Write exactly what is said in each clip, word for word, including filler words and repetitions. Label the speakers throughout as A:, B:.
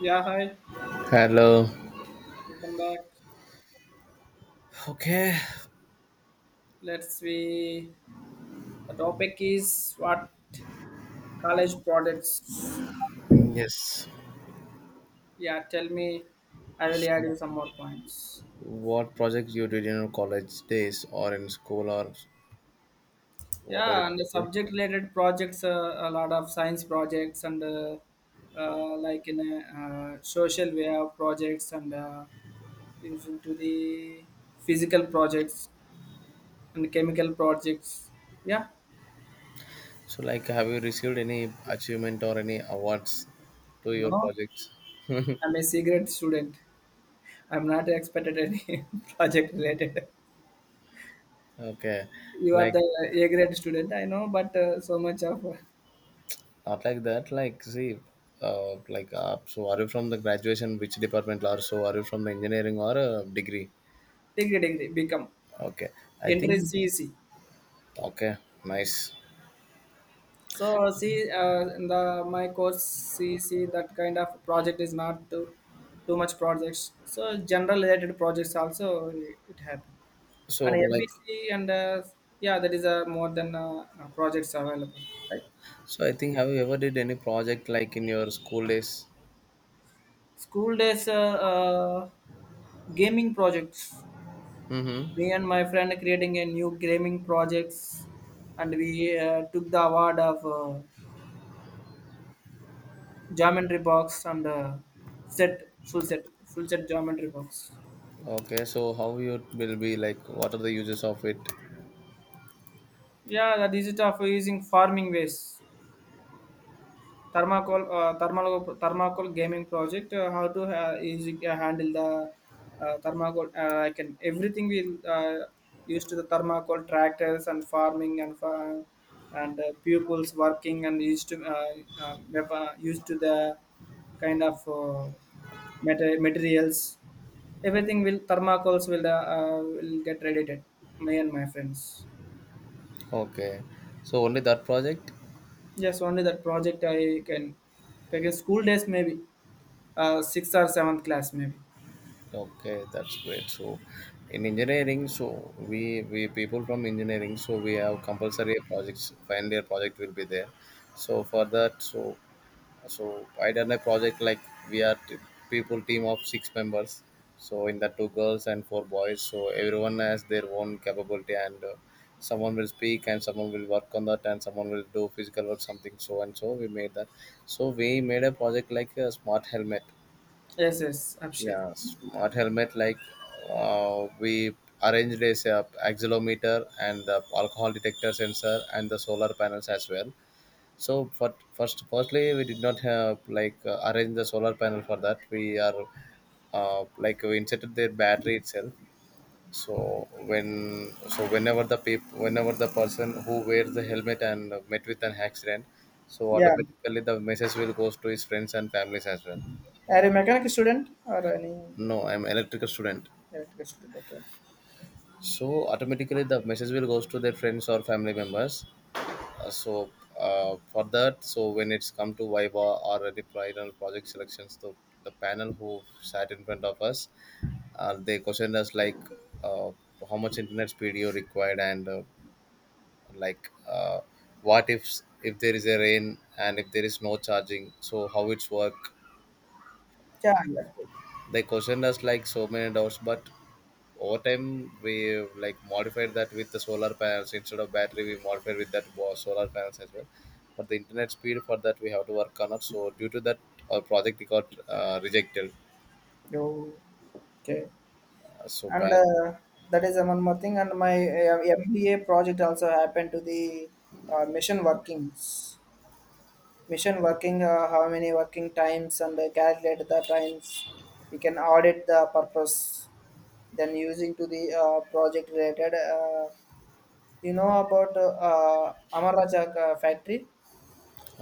A: Yeah, hi.
B: Hello.
A: Welcome back.
B: Okay.
A: Let's see. the topic is what, college projects.
B: Yes.
A: Yeah, tell me. I will add you some more points.
B: What projects you did in your college days or in school or whatever
A: Yeah,
B: it
A: and the
B: may be?
A: subject related projects, uh, a lot of science projects and uh, uh, like in a uh, social way of projects and uh, using to the physical projects and chemical projects. Yeah,
B: So, like, have you received any achievement or any awards to your
A: no,
B: projects?
A: I'm a cigarette student. I'm not expected any project related.
B: Okay.
A: You are
B: Like,
A: the A grade student, I know, but uh, so much of uh,
B: not like that. Like, see, uh, like, uh, so are you from the graduation, which department, or so are you from the engineering or uh, degree?
A: degree degree become
B: Okay. I
A: entry
B: think,
A: C. E C.
B: okay, nice.
A: So see, uh, in the my course C E C, that kind of project is not too too much projects. So general related projects also it happen, and
B: So, like,
A: F B C and uh, yeah, that is uh, more than uh, uh, projects available.
B: So I think have you ever did any project like in your school days?
A: School days uh, uh, gaming projects, me
B: Mm-hmm.
A: and my friend creating a new gaming projects, and we uh, took the award of uh, geometry box and uh, set full set full set geometry box.
B: Okay, so how you will be like what are the uses of it?
A: Yeah, that is it of using farming ways. Thermacol, uh, thermal, thermacol gaming project. Uh, how to uh, easy, uh, handle the uh, thermacol? Uh, I can everything we uh, used to the thermacol tractors and farming and fa- and uh, pupils working and used to uh, uh, wep- uh, used to the kind of uh, mater- materials. Everything will thermacols will uh, uh, will get related. Me and my friends.
B: Okay. So only that project?
A: Yes, only that project I can. Take a school days maybe. Uh, sixth or seventh class maybe.
B: Okay, that's great. So in engineering, so we we people from engineering, so we have compulsory projects, final year project will be there. So for that, so so I done a project like we are t- people team of six members, so in that two girls and four boys, so everyone has their own capability, and uh, someone will speak and someone will work on that and someone will do physical work something. So and so we made that, so we made a project like a smart helmet.
A: Yes, yes, Abhishek.
B: Yeah, smart helmet, like uh, we arranged a s- uh, accelerometer and the alcohol detector sensor and the solar panels as well. So for first, firstly, we did not have like uh, arrange the solar panel for that. We are uh, like we inserted their battery itself. So when so whenever the people whenever the person who wears the helmet and met with an accident, so
A: Yeah.
B: automatically the message will goes to his friends and families as well.
A: Are you a mechanic student or any
B: No, I'm electrical student.
A: electrical student? Okay.
B: So automatically the message will goes to their friends or family members. Uh, so uh, for that, so when it's come to viva or any final project selections, the, the panel who sat in front of us, uh, they questioned us like uh, how much internet speed you required, and uh, like uh, what if if there is a rain and if there is no charging, so how it's work.
A: Yeah, yeah.
B: They questioned us like so many doubts, but over time we like modified that with the solar panels. Instead of battery we modified with that wa- solar panels as well, but the internet speed for that we have to work on. It so due to that our project got uh, rejected.
A: You okay?
B: Uh, so
A: And
B: pan
A: uh, that is uh, one more thing. And my uh, M B A project also happened to the uh, mission workings. Mission working, uh, how many working times and uh, calculate the times. We can audit the purpose. Then using to the uh, project related. Uh, You know about uh, uh, Amarajak uh, factory?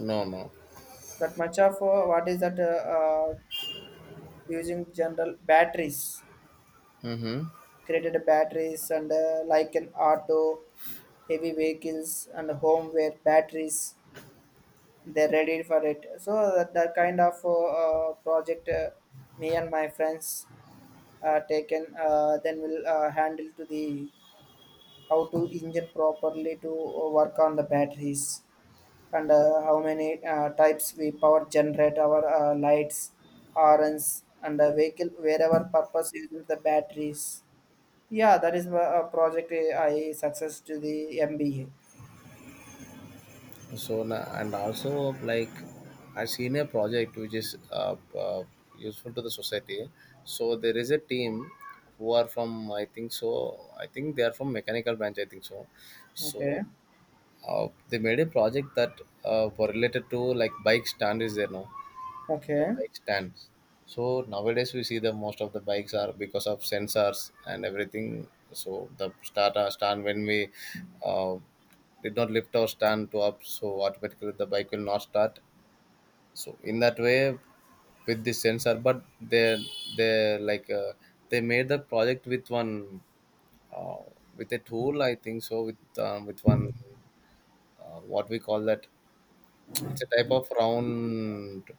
B: No, no.
A: That much of uh, what is that, uh, uh, using general batteries,
B: Mm-hmm.
A: created batteries and uh, like an auto, heavy vehicles and home where batteries, they're ready for it. So that, that kind of uh, uh, project, uh, me and my friends uh, taken, uh, then we'll uh, handle to the how to engine properly to uh, work on the batteries, and uh, how many uh, types we power generate our uh, lights, horns and uh, vehicle wherever purpose using the batteries. Yeah, that is a project I I success to the M B A.
B: so na- and also, like, I seen a project which is uh, uh, useful to the society. So there is a team who are from, I think so, I think they are from mechanical branch, I think so so
A: Okay,
B: Uh, They made a project that uh, for related to like bike stand is there now, for
A: okay,
B: bike stands. So nowadays we see the most of the bikes are because of sensors and everything. So the start uh, stand, when we uh, did not lift our stand to up, so automatically the bike will not start. So in that way, with the sensor, but they they like uh, they made the project with one uh, with a tool, I think so, with um, with one uh, what we call that. It's a type of round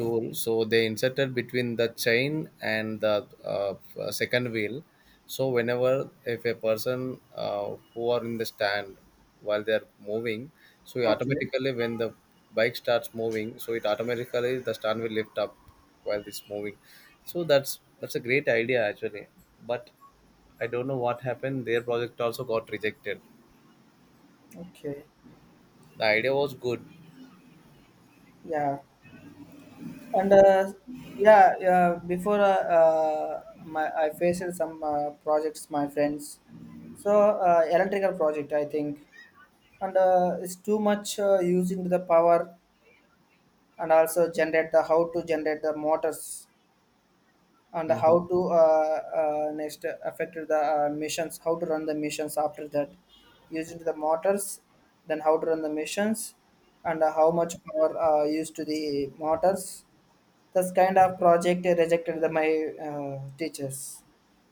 B: tool. So they inserted between the chain and the uh, f- uh, second wheel. So whenever if a person uh, who are in the stand while they are moving, so
A: okay,
B: automatically when the bike starts moving, so it automatically the stand will lift up while it's moving. So that's that's a great idea actually. But I don't know what happened. Their project also got rejected.
A: okay.
B: The idea was good.
A: Yeah and uh, yeah yeah Before uh, uh, my I faced some uh, projects my friends. So uh, electrical project, I think, and uh, it's too much uh, using the power and also generate the how to generate the motors and
B: Mhm.
A: how to uh, uh, next affect the uh, missions, how to run the missions after that using the motors, then how to run the missions and how much power uh, used to the motors. This kind of project rejected the, my uh, teachers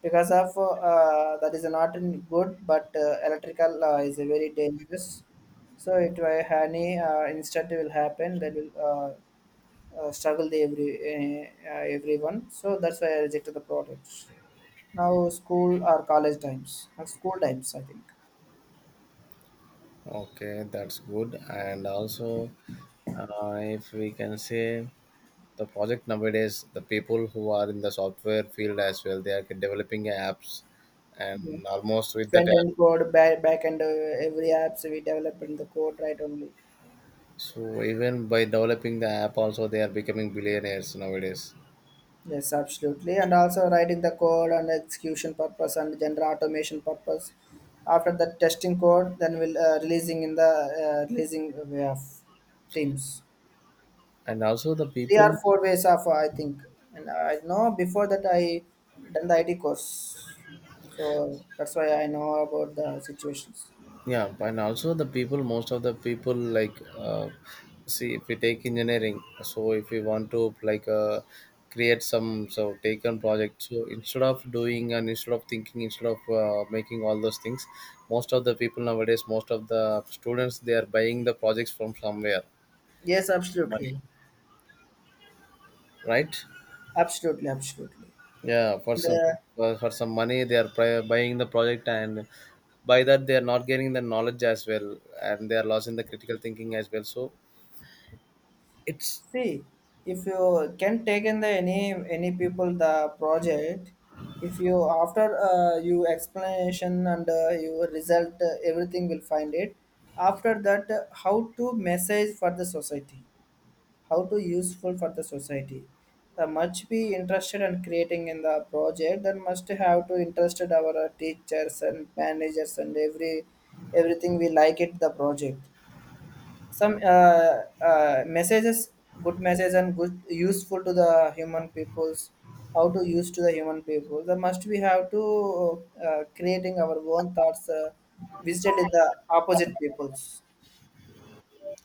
A: because of uh, that is not in good, but uh, electrical uh, is a very dangerous, so it will any uh, incident will happen, that will uh, uh, struggle the every uh, uh, everyone, so that's why I rejected the product now. School or college times, uh, school times I think.
B: Okay, that's good. And also, uh, if we can say the project nowadays, the people who are in the software field as well, they are developing apps, and almost with that
A: Front
B: app.
A: end code, back, back end, uh, every apps we develop in the code right only.
B: So even by developing the app, also they are becoming billionaires nowadays.
A: Yes, absolutely, and also writing the code and execution purpose and general automation purpose, after the testing code, then we'll uh, releasing in the uh, releasing way of teams,
B: And also the
A: three
B: people,
A: or four ways of uh, I think, and uh, I know before that I done the I T course, so that's why I know about the situations.
B: yeah, and also the people most of the people, like uh, see, if we take engineering, so if we want to like uh, create some so taken project, so instead of doing and instead of thinking, instead of uh, making all those things, most of the people nowadays, most of the students, they are buying the projects from somewhere,
A: Yes,
B: some money,
A: absolutely,
B: right?
A: absolutely, absolutely.
B: Yeah, for some
A: The
B: for, for some money they are pri- buying the project, and by that they are not getting the knowledge as well, and they are losing the critical thinking as well, so it's.
A: See, if you can take in the any any people the project, if you after uh, you explanation and uh, your result uh, everything will find it. After that, uh, how to message for the society, how to useful for the society, the much be interested in creating in the project, then must have to interested our uh, teachers and managers and every everything we like it the project, some uh, uh, messages, good message and good useful to the human peoples, how to use to the human people the must we have to uh, creating our own thoughts, uh, visited in the opposite peoples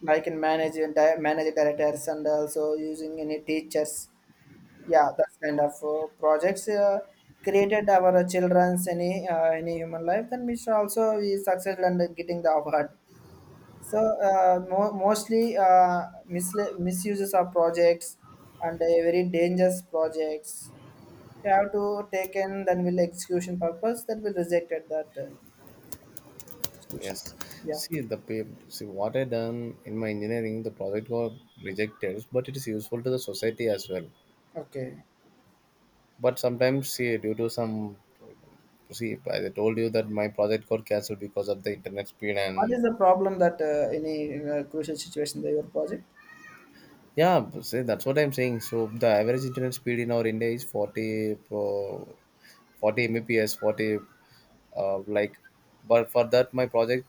A: I can manage and di- manage directors and also using any teachers. Yeah, that's kind of uh, projects uh, created our children's any uh, any human life. Then we should also be successful and getting the award. So uh, mo- mostly uh, misla- misuses of projects and uh, very dangerous projects. You have to take in, then will execution purpose that will rejected that uh, situation.
B: Yes.
A: Yeah.
B: See the pa- see what I done in my engineering, the project got rejected, but it is useful to the society as well.
A: Okay.
B: But sometimes, see, due to some, see I told you that my project got cancelled because of the internet speed.
A: What
B: And
A: is the problem that uh, in uh, crucial situation that your project?
B: yeah, b- see, that's what I'm saying. So the average internet speed in our India is forty, pro forty Mbps, forty, uh, like. But for that, my project,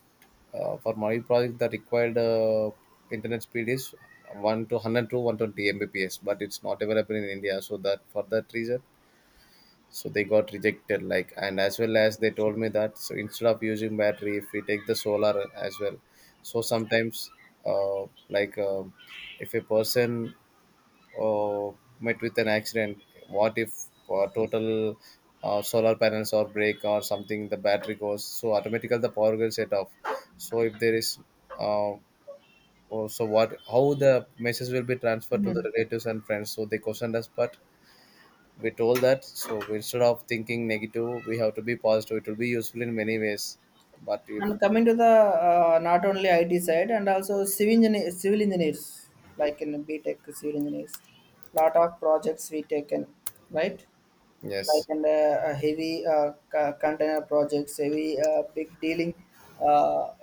B: uh, for my project, the required uh, internet speed is one to one hundred to one hundred twenty Mbps. But it's not available in India, so that, for that reason, so they got rejected. Like, and as well as they told me that, so instead of using battery, if we take the solar as well, so sometimes uh, like uh, if a person uh, met with an accident, what if uh, total uh, solar panels or break or something, the battery goes, so automatically the power gets set off. So if there is uh, oh, so what, how the message will be transferred to the relatives and friends? So they questioned us, but we told that, so instead of thinking negative, we have to be positive, it will be useful in many ways. But if.
A: And coming to the uh, not only I T side and also civil engineer, civil engineers, like in B tech civil engineers, lot of projects we taken right, like
B: Yes,
A: in the uh, heavy uh, co- container projects, heavy uh, big dealing, uh,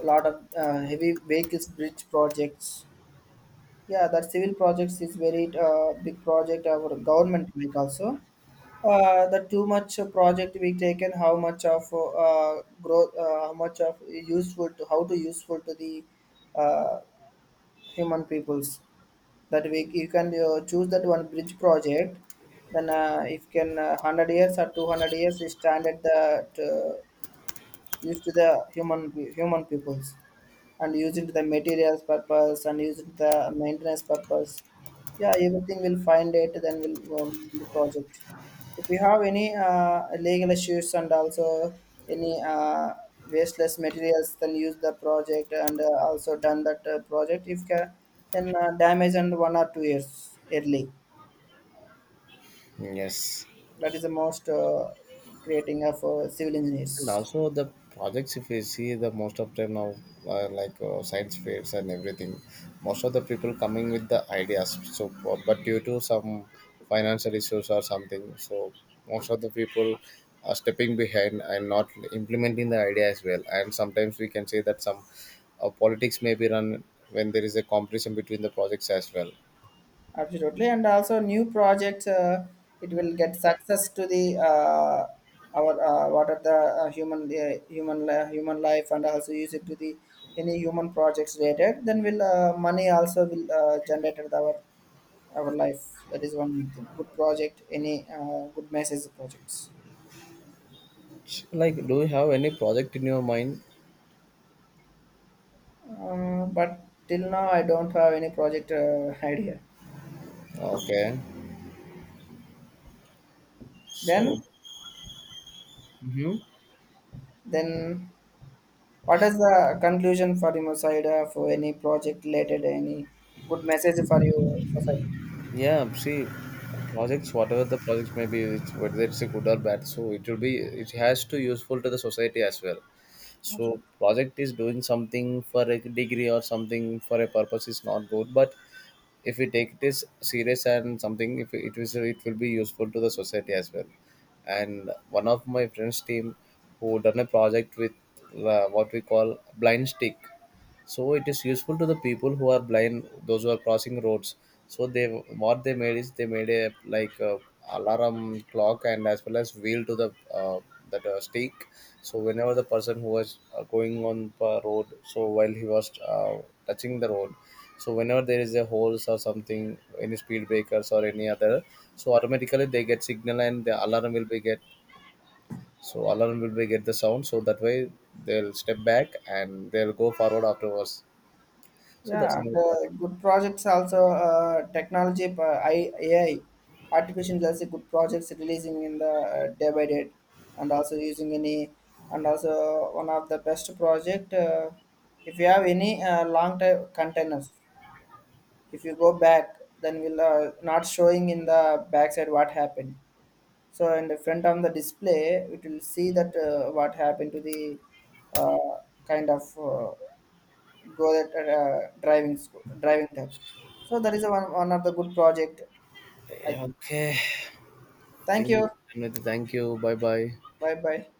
A: lot of uh, heavy vehicles bridge projects. Yeah, that civil projects is very uh, big project our government make also. Uh, the too much project we taken, how much of uh, growth, uh, how much of useful to how to useful to the uh, human peoples. That we you can uh, choose that one bridge project. Then uh, if can uh, one hundred years or two hundred years, is stand at the used to the human pe- human peoples and used it to the materials purpose and used it to the maintenance purpose. Yeah, everything will find it, then we'll um, the project. If we have any uh, legal issues and also any uh, wasteless materials, then use the project and uh, also done that uh, project. If ca- then uh, damage and one or two years early.
B: yes.
A: That is the most uh, creating of uh, civil
B: And
A: engineers.
B: also the projects, if you see the most of them now, uh, like uh, science fairs and everything, most of the people coming with the ideas. So, but due to some financial issues or something, so most of the people are stepping behind and not implementing the idea as well. And sometimes we can say that some uh, politics may be run when there is a competition between the projects as well.
A: Absolutely, and also new projects. Uh, it will get success to the uh, our uh, what are the uh, human uh, human li- human life, and also use it to the any human projects related. Then will uh, money also will uh, generate with our our life. That is one good thing. Good project, any uh, good message projects.
B: Like, do you have any project in your mind?
A: Uh, but till now, I don't have any project uh, idea.
B: Okay, so.
A: Then
B: Mhm.
A: then what is the conclusion for your side, uh, for any project related, any good message for your society?
B: Yeah, see, projects, whatever the projects may be, it's, whether it's a good or bad, so it will be, it has to useful to the society as well. So project is doing something for a degree or something for a purpose is not good, but if we take this serious and something, if it is, it will be useful to the society as well. And one of my friends' team who done a project with uh, what we call blind stick, so it is useful to the people who are blind, those who are crossing roads. So they, what they made is they made a like a alarm clock and as well as wheel to the uh, that uh, stick, so whenever the person who was uh, going on the road, so while he was uh, touching the road, so whenever there is a holes or something, any speed breakers or any other, so automatically they get signal and the alarm will be get, so alarm will be get the sound, so that way they'll step back and they'll go forward afterwards. So that's
A: Yeah, and
B: another
A: uh,
B: topic.
A: good projects also uh, technology, uh, I- A I, artificial intelligence, good projects releasing in the uh, day by day, and also using any, and also one of the best project. Uh, if you have any uh, long time containers, if you go back, then we'll uh, not showing in the backside what happened. So in the front of the display, it will see that uh, what happened to the uh, kind of uh, go that uh, driving school, driving that. So that is a one, one of the good project, I think.
B: Okay.
A: Thank
B: Thank
A: you.
B: you. Thank you. Bye bye.
A: Bye bye.